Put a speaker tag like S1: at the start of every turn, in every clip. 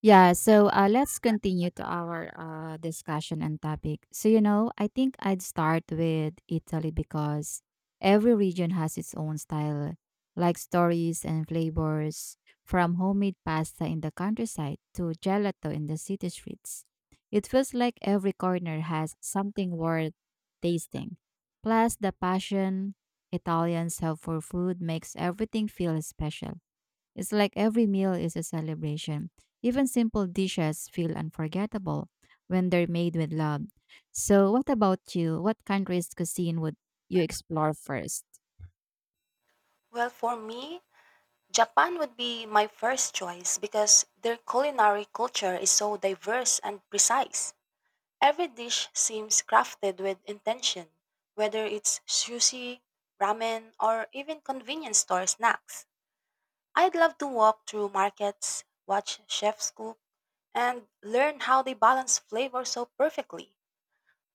S1: Yeah, so let's continue to our discussion and topic. So, you know, I think I'd start with Italy because every region has its own style, like stories and flavors, from homemade pasta in the countryside to gelato in the city streets. It feels like every corner has something worth tasting. Plus, the passion Italians have for food makes everything feel special. It's like every meal is a celebration. Even simple dishes feel unforgettable when they're made with love. So, what about you? What country's cuisine would you explore first?
S2: Well, for me, Japan would be my first choice because their culinary culture is so diverse and precise. Every dish seems crafted with intention, whether it's sushi, ramen, or even convenience store snacks. I'd love to walk through markets, watch chefs cook, and learn how they balance flavor so perfectly.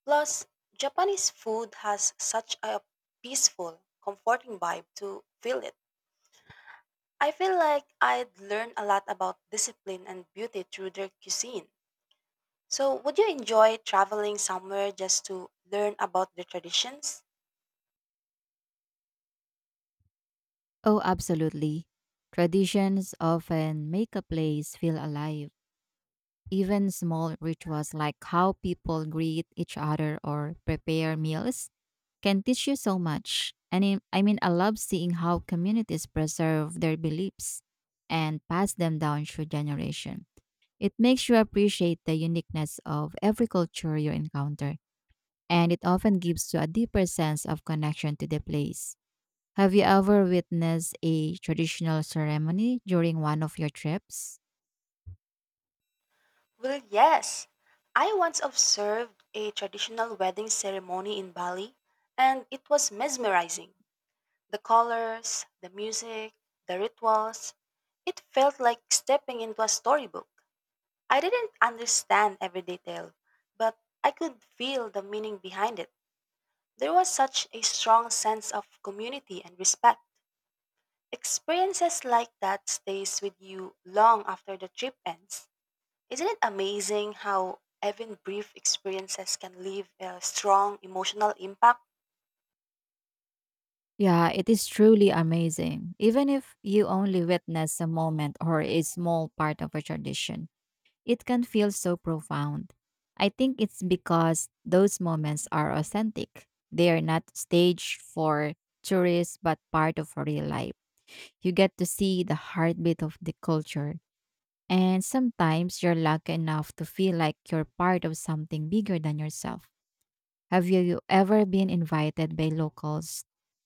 S2: Plus, Japanese food has such a peaceful, comforting vibe to feel it. I feel like I'd learn a lot about discipline and beauty through their cuisine. So, would you enjoy traveling somewhere just to learn about their traditions?
S1: Oh, absolutely. Traditions often make a place feel alive. Even small rituals like how people greet each other or prepare meals can teach you so much. And I love seeing how communities preserve their beliefs and pass them down through generation. It makes you appreciate the uniqueness of every culture you encounter, and it often gives you a deeper sense of connection to the place. Have you ever witnessed a traditional ceremony during one of your trips?
S2: Well, yes. I once observed a traditional wedding ceremony in Bali, and it was mesmerizing. The colors, the music, the rituals, it felt like stepping into a storybook. I didn't understand every detail, but I could feel the meaning behind it. There was such a strong sense of community and respect. Experiences like that stays with you long after the trip ends. Isn't it amazing how even brief experiences can leave a strong emotional impact?
S1: Yeah, it is truly amazing. Even if you only witness a moment or a small part of a tradition, it can feel so profound. I think it's because those moments are authentic. They are not staged for tourists, but part of real life. You get to see the heartbeat of the culture. And sometimes you're lucky enough to feel like you're part of something bigger than yourself. Have you ever been invited by locals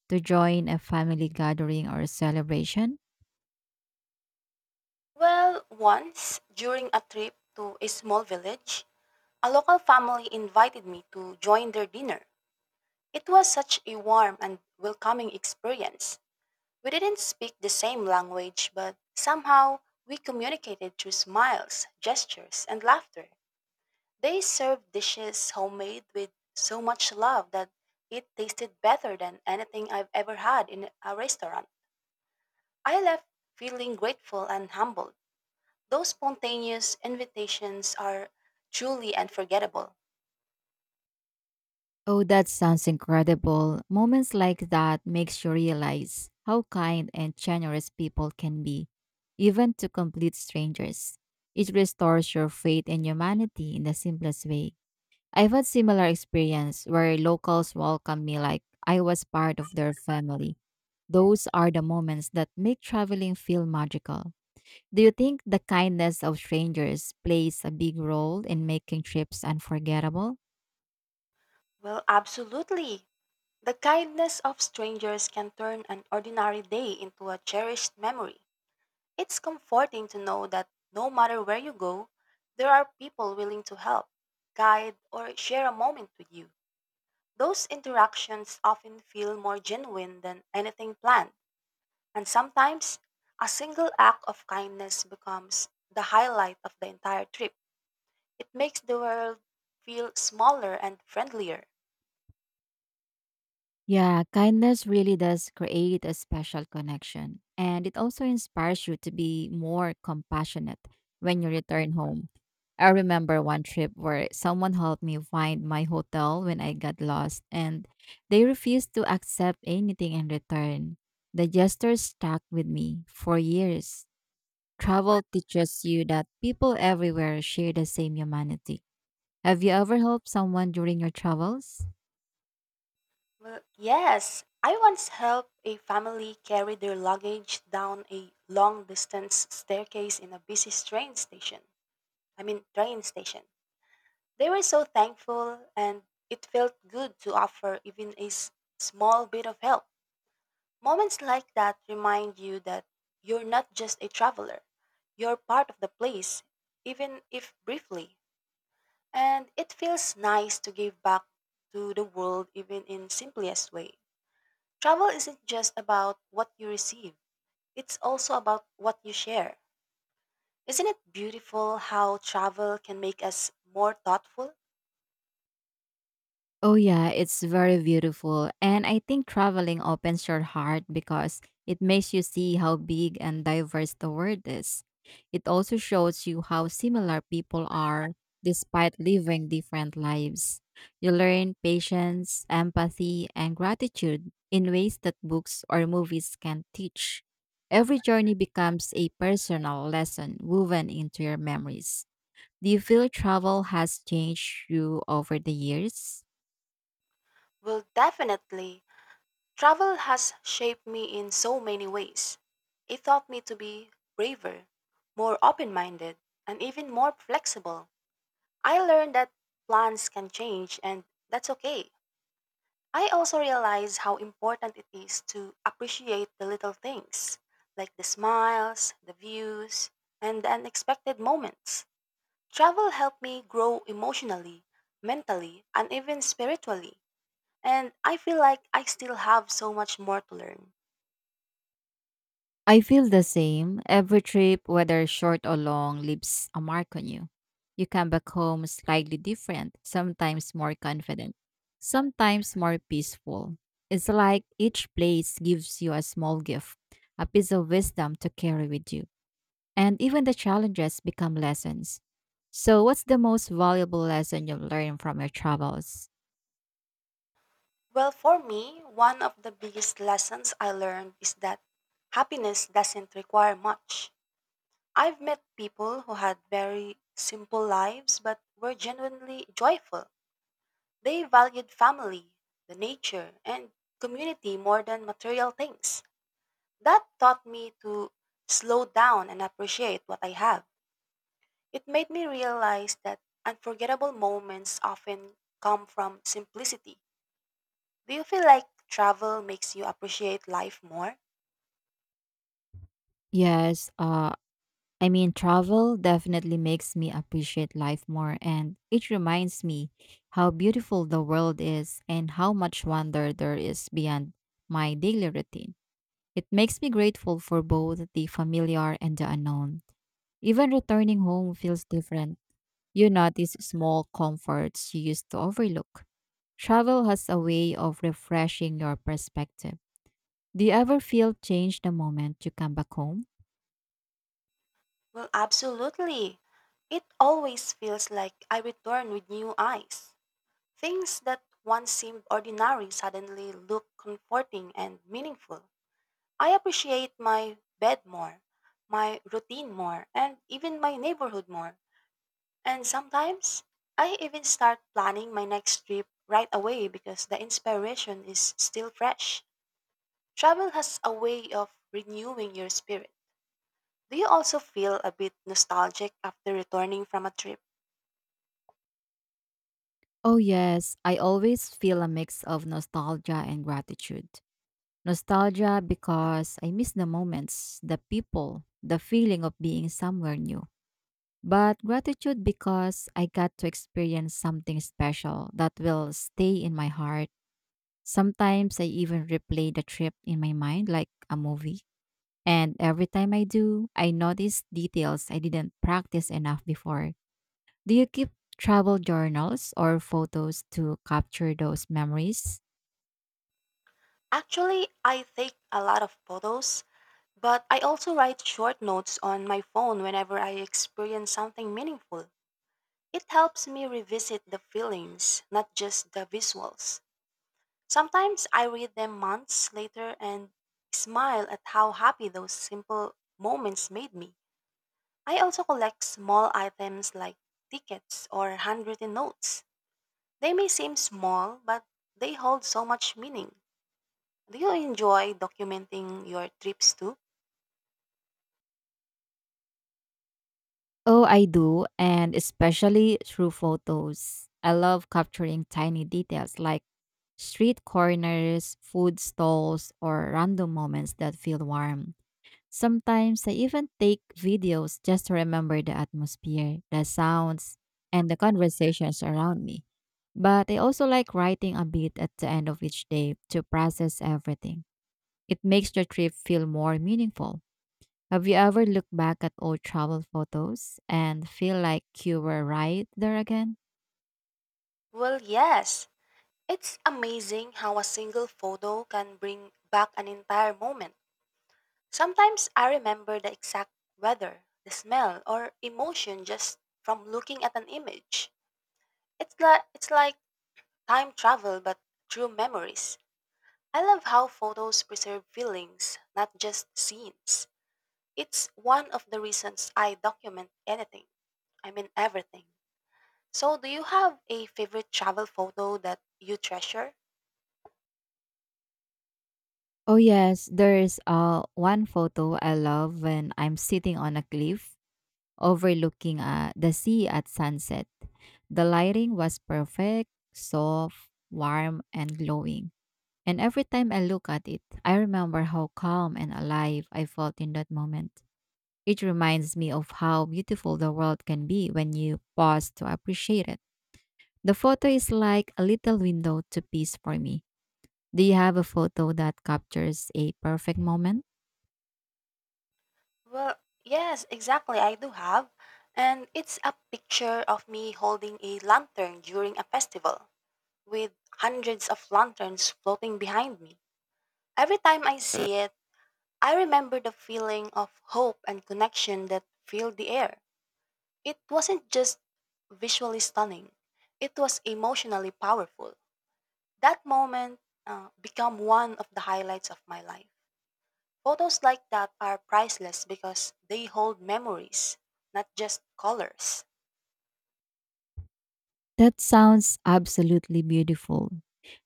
S1: to join a family gathering or celebration?
S2: Well, once during a trip to a small village, a local family invited me to join their dinner. It was such a warm and welcoming experience. We didn't speak the same language, but somehow we communicated through smiles, gestures, and laughter. They served dishes homemade with so much love that it tasted better than anything I've ever had in a restaurant. I left feeling grateful and humbled. Those spontaneous invitations are truly unforgettable.
S1: Oh, that sounds incredible. Moments like that makes you realize how kind and generous people can be, even to complete strangers. It restores your faith in humanity in the simplest way. I've had similar experience where locals welcomed me like I was part of their family. Those are the moments that make traveling feel magical. Do you think the kindness of strangers plays a big role in making trips unforgettable?
S2: Well, absolutely. The kindness of strangers can turn an ordinary day into a cherished memory. It's comforting to know that no matter where you go, there are people willing to help, guide, or share a moment with you. Those interactions often feel more genuine than anything planned, and sometimes a single act of kindness becomes the highlight of the entire trip. It makes the world feel smaller and friendlier.
S1: Yeah, kindness really does create a special connection, and it also inspires you to be more compassionate when you return home. I remember one trip where someone helped me find my hotel when I got lost, and they refused to accept anything in return. The gesture stuck with me for years. Travel teaches you that people everywhere share the same humanity. Have you ever helped someone during your travels?
S2: Well, yes, I once helped a family carry their luggage down a long distance staircase in a busy train station. I mean, train station. They were so thankful, and it felt good to offer even a small bit of help. Moments like that remind you that you're not just a traveler, you're part of the place, even if briefly. And it feels nice to give back to the world, even in simplest way. Travel isn't just about what you receive; it's also about what you share. Isn't it beautiful how travel can make us more thoughtful?
S1: Oh, yeah, it's very beautiful. And I think traveling opens your heart because it makes you see how big and diverse the world is. It also shows you how similar people are despite living different lives. You learn patience, empathy, and gratitude in ways that books or movies can not teach. Every journey becomes a personal lesson woven into your memories. Do you feel travel has changed you over the years?
S2: Well, definitely. Travel has shaped me in so many ways. It taught me to be braver, more open minded, and even more flexible. I learned that plans can change and that's okay. I also realized how important it is to appreciate the little things, like the smiles, the views, and the unexpected moments. Travel helped me grow emotionally, mentally, and even spiritually. And I feel like I still have so much more to learn.
S1: I feel the same. Every trip, whether short or long, leaves a mark on you. You come back home slightly different, sometimes more confident, sometimes more peaceful. It's like each place gives you a small gift, a piece of wisdom to carry with you. And even the challenges become lessons. So, what's the most valuable lesson you've learned from your travels?
S2: Well, for me, one of the biggest lessons I learned is that happiness doesn't require much. I've met people who had very simple lives but were genuinely joyful. They valued family, the nature, and community more than material things. That taught me to slow down and appreciate what I have. It made me realize that unforgettable moments often come from simplicity. Do you feel like travel makes you appreciate life more?
S1: Yes, travel definitely makes me appreciate life more, and it reminds me how beautiful the world is and how much wonder there is beyond my daily routine. It makes me grateful for both the familiar and the unknown. Even returning home feels different. You notice small comforts you used to overlook. Travel has a way of refreshing your perspective. Do you ever feel changed the moment you come back home?
S2: Well, absolutely. It always feels like I return with new eyes. Things that once seemed ordinary suddenly look comforting and meaningful. I appreciate my bed more, my routine more, and even my neighborhood more. And sometimes I even start planning my next trip right away because the inspiration is still fresh. Travel has a way of renewing your spirit. Do you also feel a bit nostalgic after returning from a trip?
S1: Oh, yes. I always feel a mix of nostalgia and gratitude. Nostalgia because I miss the moments, the people, the feeling of being somewhere new. But gratitude because I got to experience something special that will stay in my heart. Sometimes I even replay the trip in my mind like a movie. And every time I do, I notice details I didn't practice enough before. Do you keep travel journals or photos to capture those memories?
S2: Actually, I take a lot of photos, but I also write short notes on my phone whenever I experience something meaningful. It helps me revisit the feelings, not just the visuals. Sometimes I read them months later and smile at how happy those simple moments made me. I also collect small items like tickets or handwritten notes. They may seem small, but they hold so much meaning. Do you enjoy documenting your trips too?
S1: Oh, I do, and especially through photos. I love capturing tiny details like street corners, food stalls, or random moments that feel warm. Sometimes I even take videos just to remember the atmosphere, the sounds, and the conversations around me. But I also like writing a bit at the end of each day to process everything. It makes the trip feel more meaningful. Have you ever looked back at old travel photos and feel like you were right there again?
S2: Well, yes. It's amazing how a single photo can bring back an entire moment. Sometimes I remember the exact weather, the smell, or emotion just from looking at an image. It's like time travel but through memories. I love how photos preserve feelings, not just scenes. It's one of the reasons I document anything. I mean everything. So do you have a favorite travel photo that you treasure?
S1: Oh yes, there is one photo I love when I'm sitting on a cliff overlooking the sea at sunset. The lighting was perfect, soft, warm, and glowing. And every time I look at it, I remember how calm and alive I felt in that moment. It reminds me of how beautiful the world can be when you pause to appreciate it. The photo is like a little window to peace for me. Do you have a photo that captures a perfect moment?
S2: Well, yes, exactly. I do have. And it's a picture of me holding a lantern during a festival. With hundreds of lanterns floating behind me. Every time I see it, I remember the feeling of hope and connection that filled the air. It wasn't just visually stunning, it was emotionally powerful. That moment became one of the highlights of my life. Photos like that are priceless because they hold memories, not just colors.
S1: That sounds absolutely beautiful.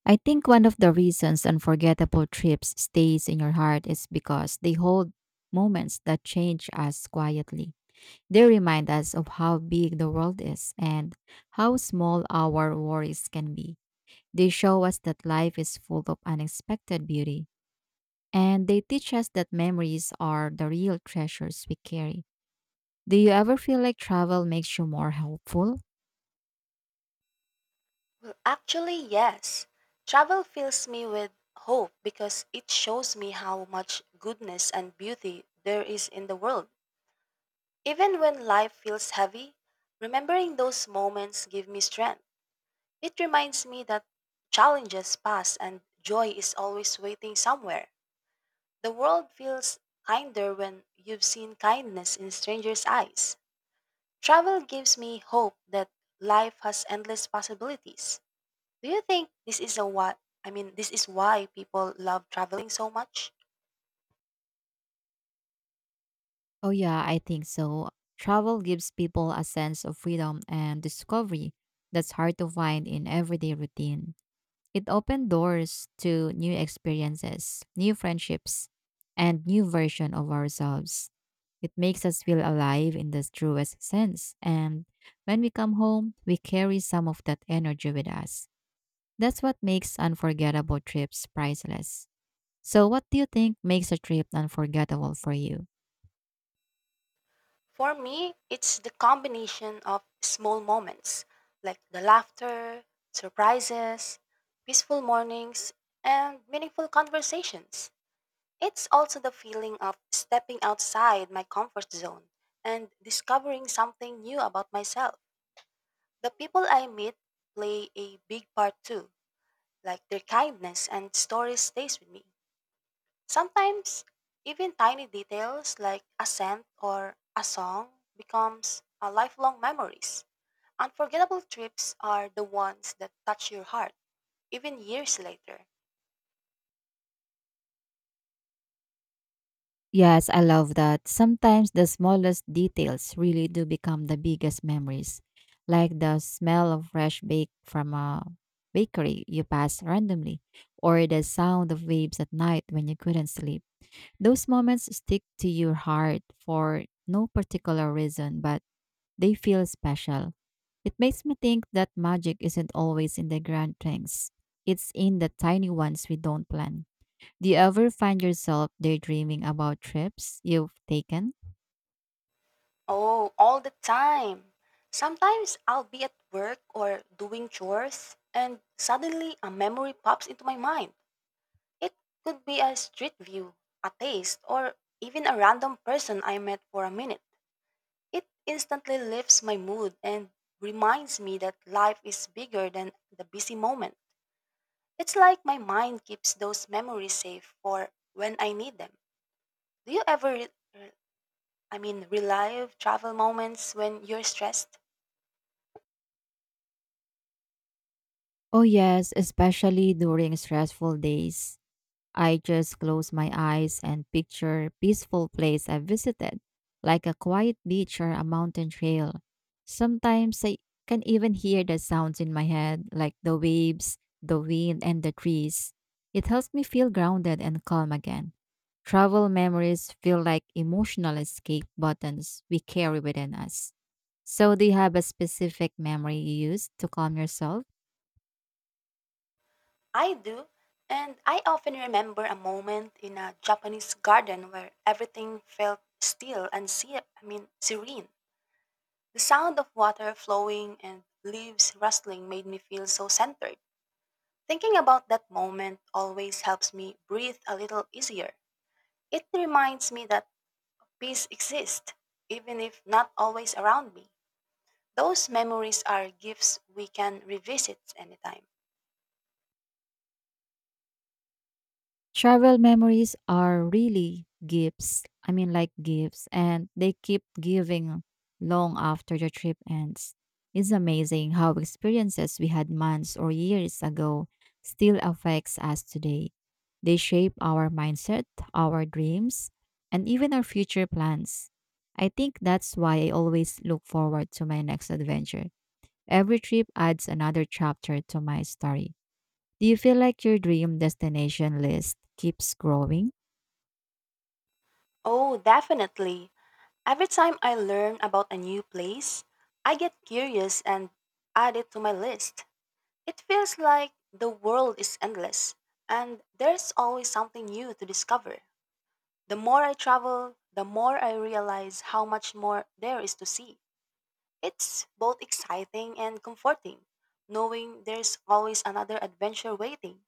S1: I think one of the reasons unforgettable trips stays in your heart is because they hold moments that change us quietly. They remind us of how big the world is and how small our worries can be. They show us that life is full of unexpected beauty, and they teach us that memories are the real treasures we carry. Do you ever feel like travel makes you more helpful?
S2: Well, actually, yes. Travel fills me with hope because it shows me how much goodness and beauty there is in the world. Even when life feels heavy, remembering those moments give me strength. It reminds me that challenges pass and joy is always waiting somewhere. The world feels kinder when you've seen kindness in strangers' eyes. Travel gives me hope that life has endless possibilities. Do you think this is a what I mean this is why people love traveling so much?
S1: Oh, yeah, I think so. Travel gives people a sense of freedom and discovery that's hard to find in everyday routine. It opened doors to new experiences, new friendships, and new version of ourselves. It makes us feel alive in the truest sense. And when we come home, we carry some of that energy with us. That's what makes unforgettable trips priceless. So, what do you think makes a trip unforgettable for you?
S2: For me, it's the combination of small moments like the laughter, surprises, peaceful mornings, and meaningful conversations. It's also the feeling of stepping outside my comfort zone and discovering something new about myself. The people I meet play a big part too, like their kindness and stories stays with me. Sometimes, even tiny details like a scent or a song becomes a lifelong memories. Unforgettable trips are the ones that touch your heart even years later.
S1: Yes, I love that. Sometimes the smallest details really do become the biggest memories, like the smell of fresh bake from a bakery you pass randomly, or the sound of waves at night when you couldn't sleep. Those moments stick to your heart for no particular reason, but they feel special. It makes me think that magic isn't always in the grand things, it's in the tiny ones we don't plan. Do you ever find yourself daydreaming about trips you've taken?
S2: Oh, all the time. Sometimes I'll be at work or doing chores and suddenly a memory pops into my mind. It could be a street view, a taste, or even a random person I met for a minute. It instantly lifts my mood and reminds me that life is bigger than the busy moment. It's like my mind keeps those memories safe for when I need them. Do you ever, re- I mean, relive travel moments when you're stressed?
S1: Oh, yes, especially during stressful days. I just close my eyes and picture peaceful place I visited, like a quiet beach or a mountain trail. Sometimes I can even hear the sounds in my head, like the waves, the wind, and the trees. It helps me feel grounded and calm again. Travel memories feel like emotional escape buttons we carry within us. So, do you have a specific memory you use to calm yourself?
S2: I do, and I often remember a moment in a Japanese garden where everything felt still and I mean, serene. The sound of water flowing and leaves rustling made me feel so centered. Thinking about that moment always helps me breathe a little easier. It reminds me that peace exists, even if not always around me. Those memories are gifts we can revisit anytime.
S1: Travel memories are really gifts. I mean, like gifts, and they keep giving long after the trip ends. It's amazing how experiences we had months or years ago still affects us today. They shape our mindset, our dreams, and even our future plans. I think that's why I always look forward to my next adventure. Every trip adds another chapter to my story. Do you feel like your dream destination list keeps growing?
S2: Oh, definitely. Every time I learn about a new place, I get curious and add it to my list. It feels like the world is endless and there's always something new to discover. The more I travel, the more I realize how much more there is to see. It's both exciting and comforting, knowing there's always another adventure waiting.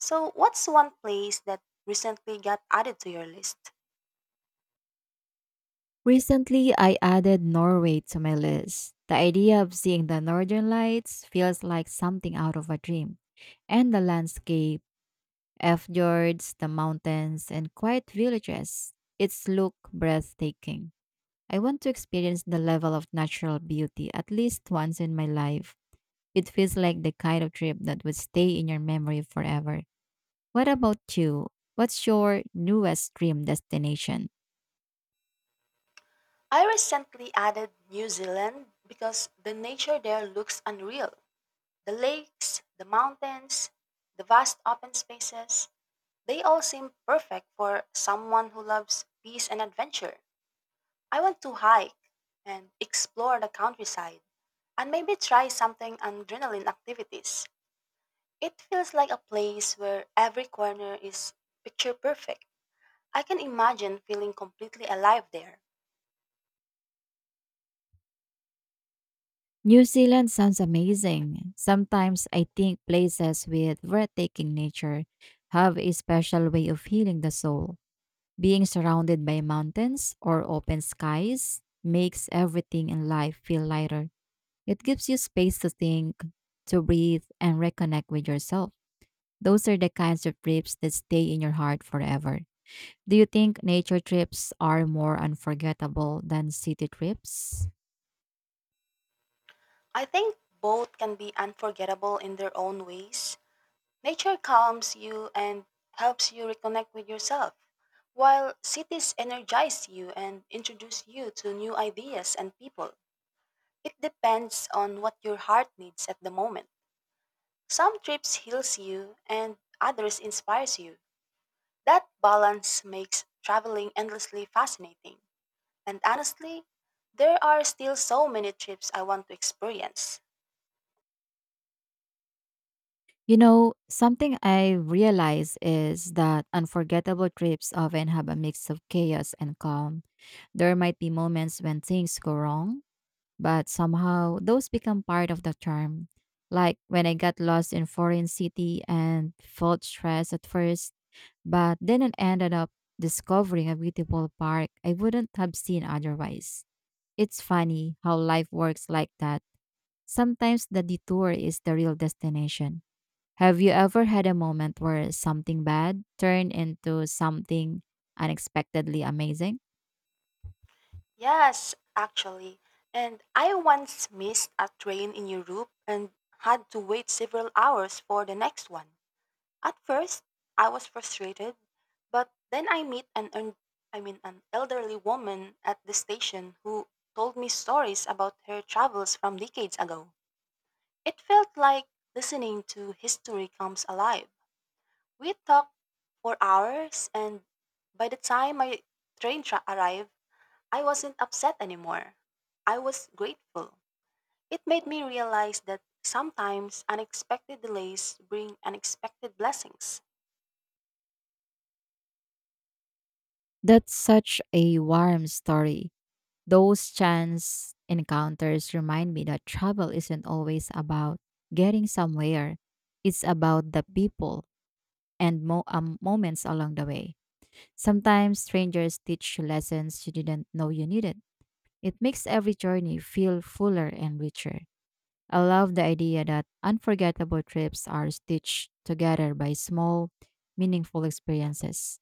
S2: So, what's one place that recently got added to your list?
S1: Recently, I added Norway to my list. The idea of seeing the northern lights feels like something out of a dream. And the landscape, fjords, the mountains, and quiet villages, it's look breathtaking. I want to experience the level of natural beauty at least once in my life. It feels like the kind of trip that would stay in your memory forever. What about you? What's your newest dream destination?
S2: I recently added New Zealand because the nature there looks unreal. The lakes, the mountains, the vast open spaces, they all seem perfect for someone who loves peace and adventure. I want to hike and explore the countryside and maybe try something on adrenaline activities. It feels like a place where every corner is picture perfect. I can imagine feeling completely alive there.
S1: New Zealand sounds amazing. Sometimes I think places with breathtaking nature have a special way of healing the soul. Being surrounded by mountains or open skies makes everything in life feel lighter. It gives you space to think, to breathe, and reconnect with yourself. Those are the kinds of trips that stay in your heart forever. Do you think nature trips are more unforgettable than city trips?
S2: I think both can be unforgettable in their own ways. Nature calms you and helps you reconnect with yourself, while cities energize you and introduce you to new ideas and people. It depends on what your heart needs at the moment. Some trips heals you and others inspires you. That balance makes traveling endlessly fascinating. And honestly, there are still so many trips I want to experience.
S1: You know, something I realize is that unforgettable trips often have a mix of chaos and calm. There might be moments when things go wrong, but somehow those become part of the charm. Like when I got lost in foreign city and felt stressed at first, but then I ended up discovering a beautiful park I wouldn't have seen otherwise. It's funny how life works like that. Sometimes the detour is the real destination. Have you ever had a moment where something bad turned into something unexpectedly amazing?
S2: Yes, actually. And I once missed a train in Europe and had to wait several hours for the next one. At first, I was frustrated, but then I met an I mean an elderly woman at the station who told me stories about her travels from decades ago. It felt like listening to history comes alive. We talked for hours and by the time my arrived, I wasn't upset anymore. I was grateful. It made me realize that sometimes unexpected delays bring unexpected blessings.
S1: That's such a warm story. Those chance encounters remind me that travel isn't always about getting somewhere, it's about the people and moments along the way. Sometimes strangers teach you lessons you didn't know you needed. It makes every journey feel fuller and richer. I love the idea that unforgettable trips are stitched together by small, meaningful experiences.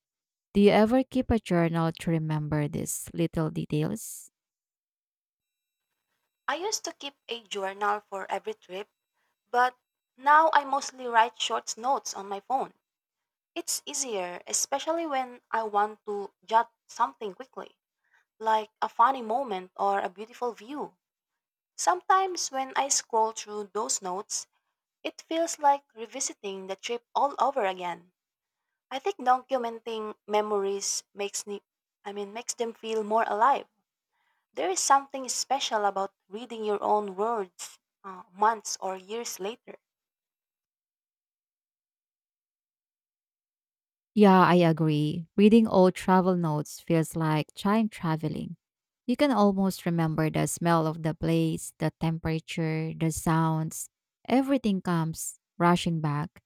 S1: Do you ever keep a journal to remember these little details?
S2: I used to keep a journal for every trip, but now I mostly write short notes on my phone. It's easier, especially when I want to jot something quickly, like a funny moment or a beautiful view. Sometimes when I scroll through those notes, it feels like revisiting the trip all over again. I think documenting memories makes me I mean makes them feel more alive. There is something special about reading your own words months or years later.
S1: Yeah, I agree. Reading old travel notes feels like time traveling. You can almost remember the smell of the place, the temperature, the sounds. Everything comes rushing back.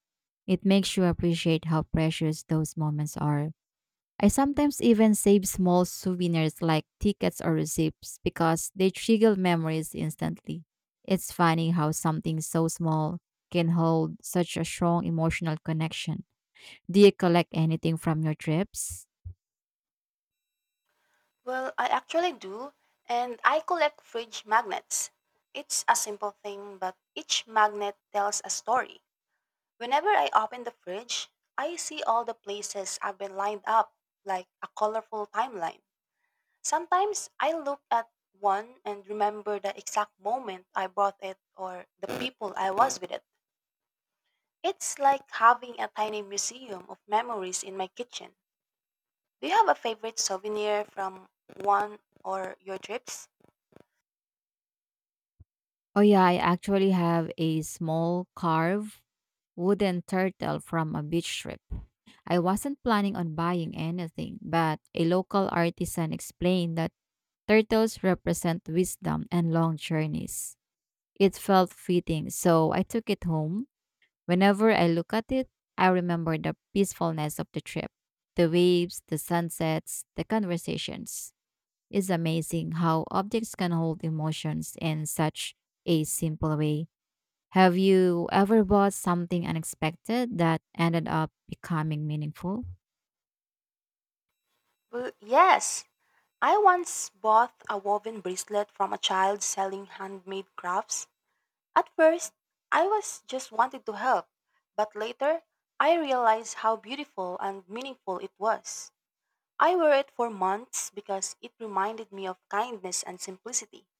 S1: It makes you appreciate how precious those moments are. I sometimes even save small souvenirs like tickets or receipts because they trigger memories instantly. It's funny how something so small can hold such a strong emotional connection. Do you collect anything from your trips?
S2: Well, I actually do, and I collect fridge magnets. It's a simple thing, but each magnet tells a story. Whenever I open the fridge, I see all the places I've been lined up, like a colorful timeline. Sometimes I look at one and remember the exact moment I bought it or the people I was with it. It's like having a tiny museum of memories in my kitchen. Do you have a favorite souvenir from one or your trips?
S1: Oh yeah, I actually have a small carved wooden turtle from a beach trip. I wasn't planning on buying anything, but a local artisan explained that turtles represent wisdom and long journeys. It felt fitting, so I took it home. Whenever I look at it, I remember the peacefulness of the trip, the waves, the sunsets, the conversations. It's amazing how objects can hold emotions in such a simple way. Have you ever bought something unexpected that ended up becoming meaningful?
S2: Yes, I once bought a woven bracelet from a child selling handmade crafts. At first, I was just wanted to help, but later, I realized how beautiful and meaningful it was. I wore it for months because it reminded me of kindness and simplicity.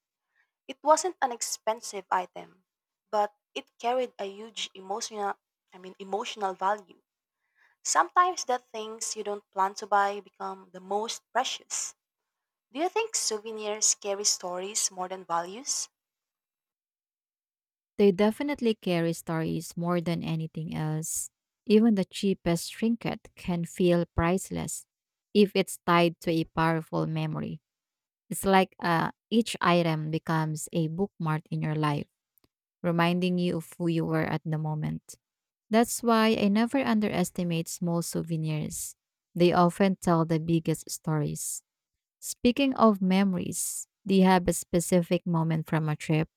S2: It wasn't an expensive item, but it carried a huge emotional I mean emotional value. Sometimes the things you don't plan to buy become the most precious. Do you think souvenirs carry stories more than values?
S1: They definitely carry stories more than anything else. Even the cheapest trinket can feel priceless if it's tied to a powerful memory. It's like each item becomes a bookmark in your life, reminding you of who you were at the moment. That's why I never underestimate small souvenirs. They often tell the biggest stories. Speaking of memories, do you have a specific moment from a trip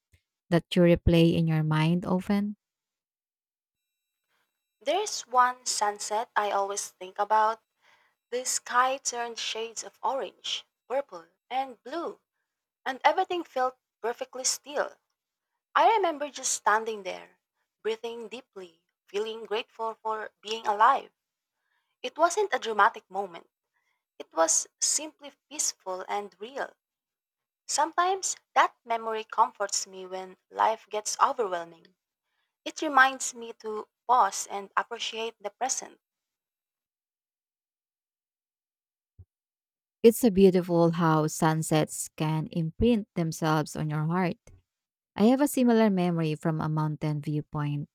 S1: that you replay in your mind often?
S2: There's one sunset I always think about. The sky turned shades of orange, purple, and blue, and everything felt perfectly still. I remember just standing there, breathing deeply, feeling grateful for being alive. It wasn't a dramatic moment. It was simply peaceful and real. Sometimes that memory comforts me when life gets overwhelming. It reminds me to pause and appreciate the present.
S1: It's a beautiful how sunsets can imprint themselves on your heart. I have a similar memory from a mountain viewpoint.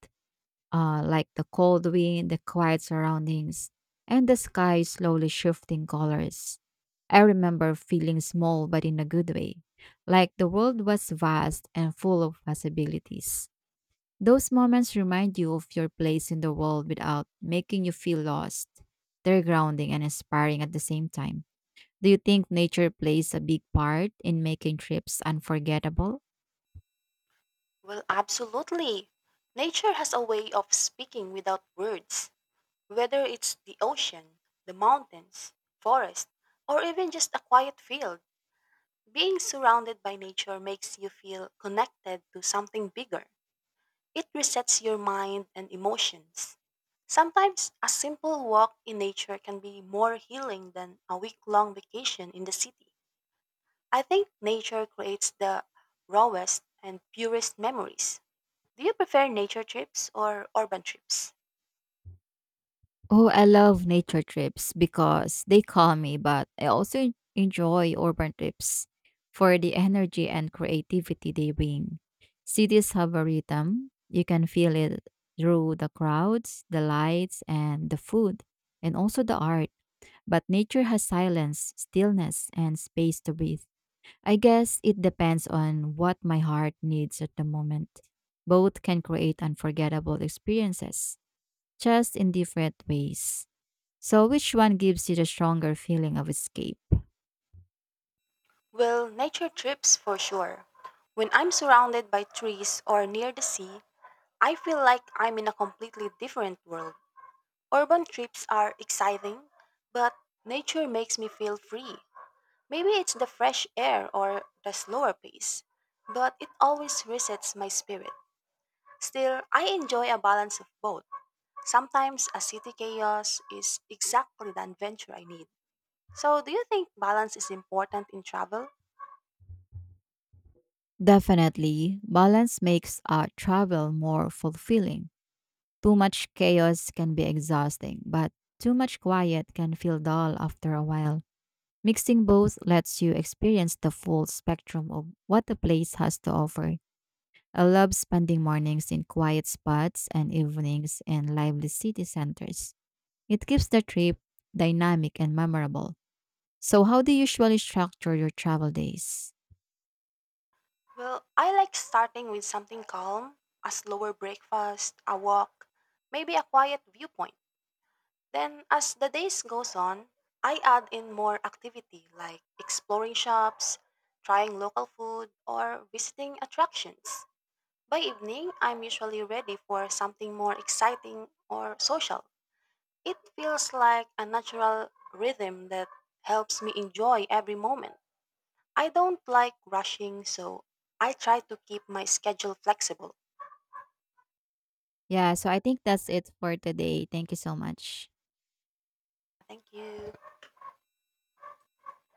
S1: Like the cold wind, the quiet surroundings, and the sky slowly shifting colors. I remember feeling small, but in a good way, like the world was vast and full of possibilities. Those moments remind you of your place in the world without making you feel lost. They're grounding and inspiring at the same time. Do you think nature plays a big part in making trips unforgettable?
S2: Well, absolutely. Nature has a way of speaking without words, whether it's the ocean, the mountains, forest, or even just a quiet field. Being surrounded by nature makes you feel connected to something bigger. It resets your mind and emotions. Sometimes a simple walk in nature can be more healing than a week long vacation in the city. I think nature creates the rawest and purest memories. Do you prefer nature trips or urban trips?
S1: Oh, I love nature trips because they calm me, but I also enjoy urban trips for the energy and creativity they bring. Cities have a rhythm. You can feel it through the crowds, the lights, and the food, and also the art. But nature has silence, stillness, and space to breathe. I guess it depends on what my heart needs at the moment. Both can create unforgettable experiences, just in different ways. So, which one gives you the stronger feeling of escape?
S2: Well, nature trips for sure. When I'm surrounded by trees or near the sea, I feel like I'm in a completely different world. Urban trips are exciting, but nature makes me feel free. Maybe it's the fresh air or the slower pace, but it always resets my spirit. Still, I enjoy a balance of both. Sometimes a city chaos is exactly the adventure I need. So, do you think balance is important in travel?
S1: Definitely, balance makes our travel more fulfilling. Too much chaos can be exhausting, but too much quiet can feel dull after a while. Mixing both lets you experience the full spectrum of what the place has to offer. I love spending mornings in quiet spots and evenings in lively city centers. It keeps the trip dynamic and memorable. So, how do you usually structure your travel days?
S2: Well, I like starting with something calm, a slower breakfast, a walk, maybe a quiet viewpoint. Then, as the days goes on, I add in more activity like exploring shops, trying local food, or visiting attractions. By evening, I'm usually ready for something more exciting or social. It feels like a natural rhythm that helps me enjoy every moment. I don't like rushing, so I try to keep my schedule flexible.
S1: Yeah, so I think that's it for today. Thank you so much.
S2: Thank you.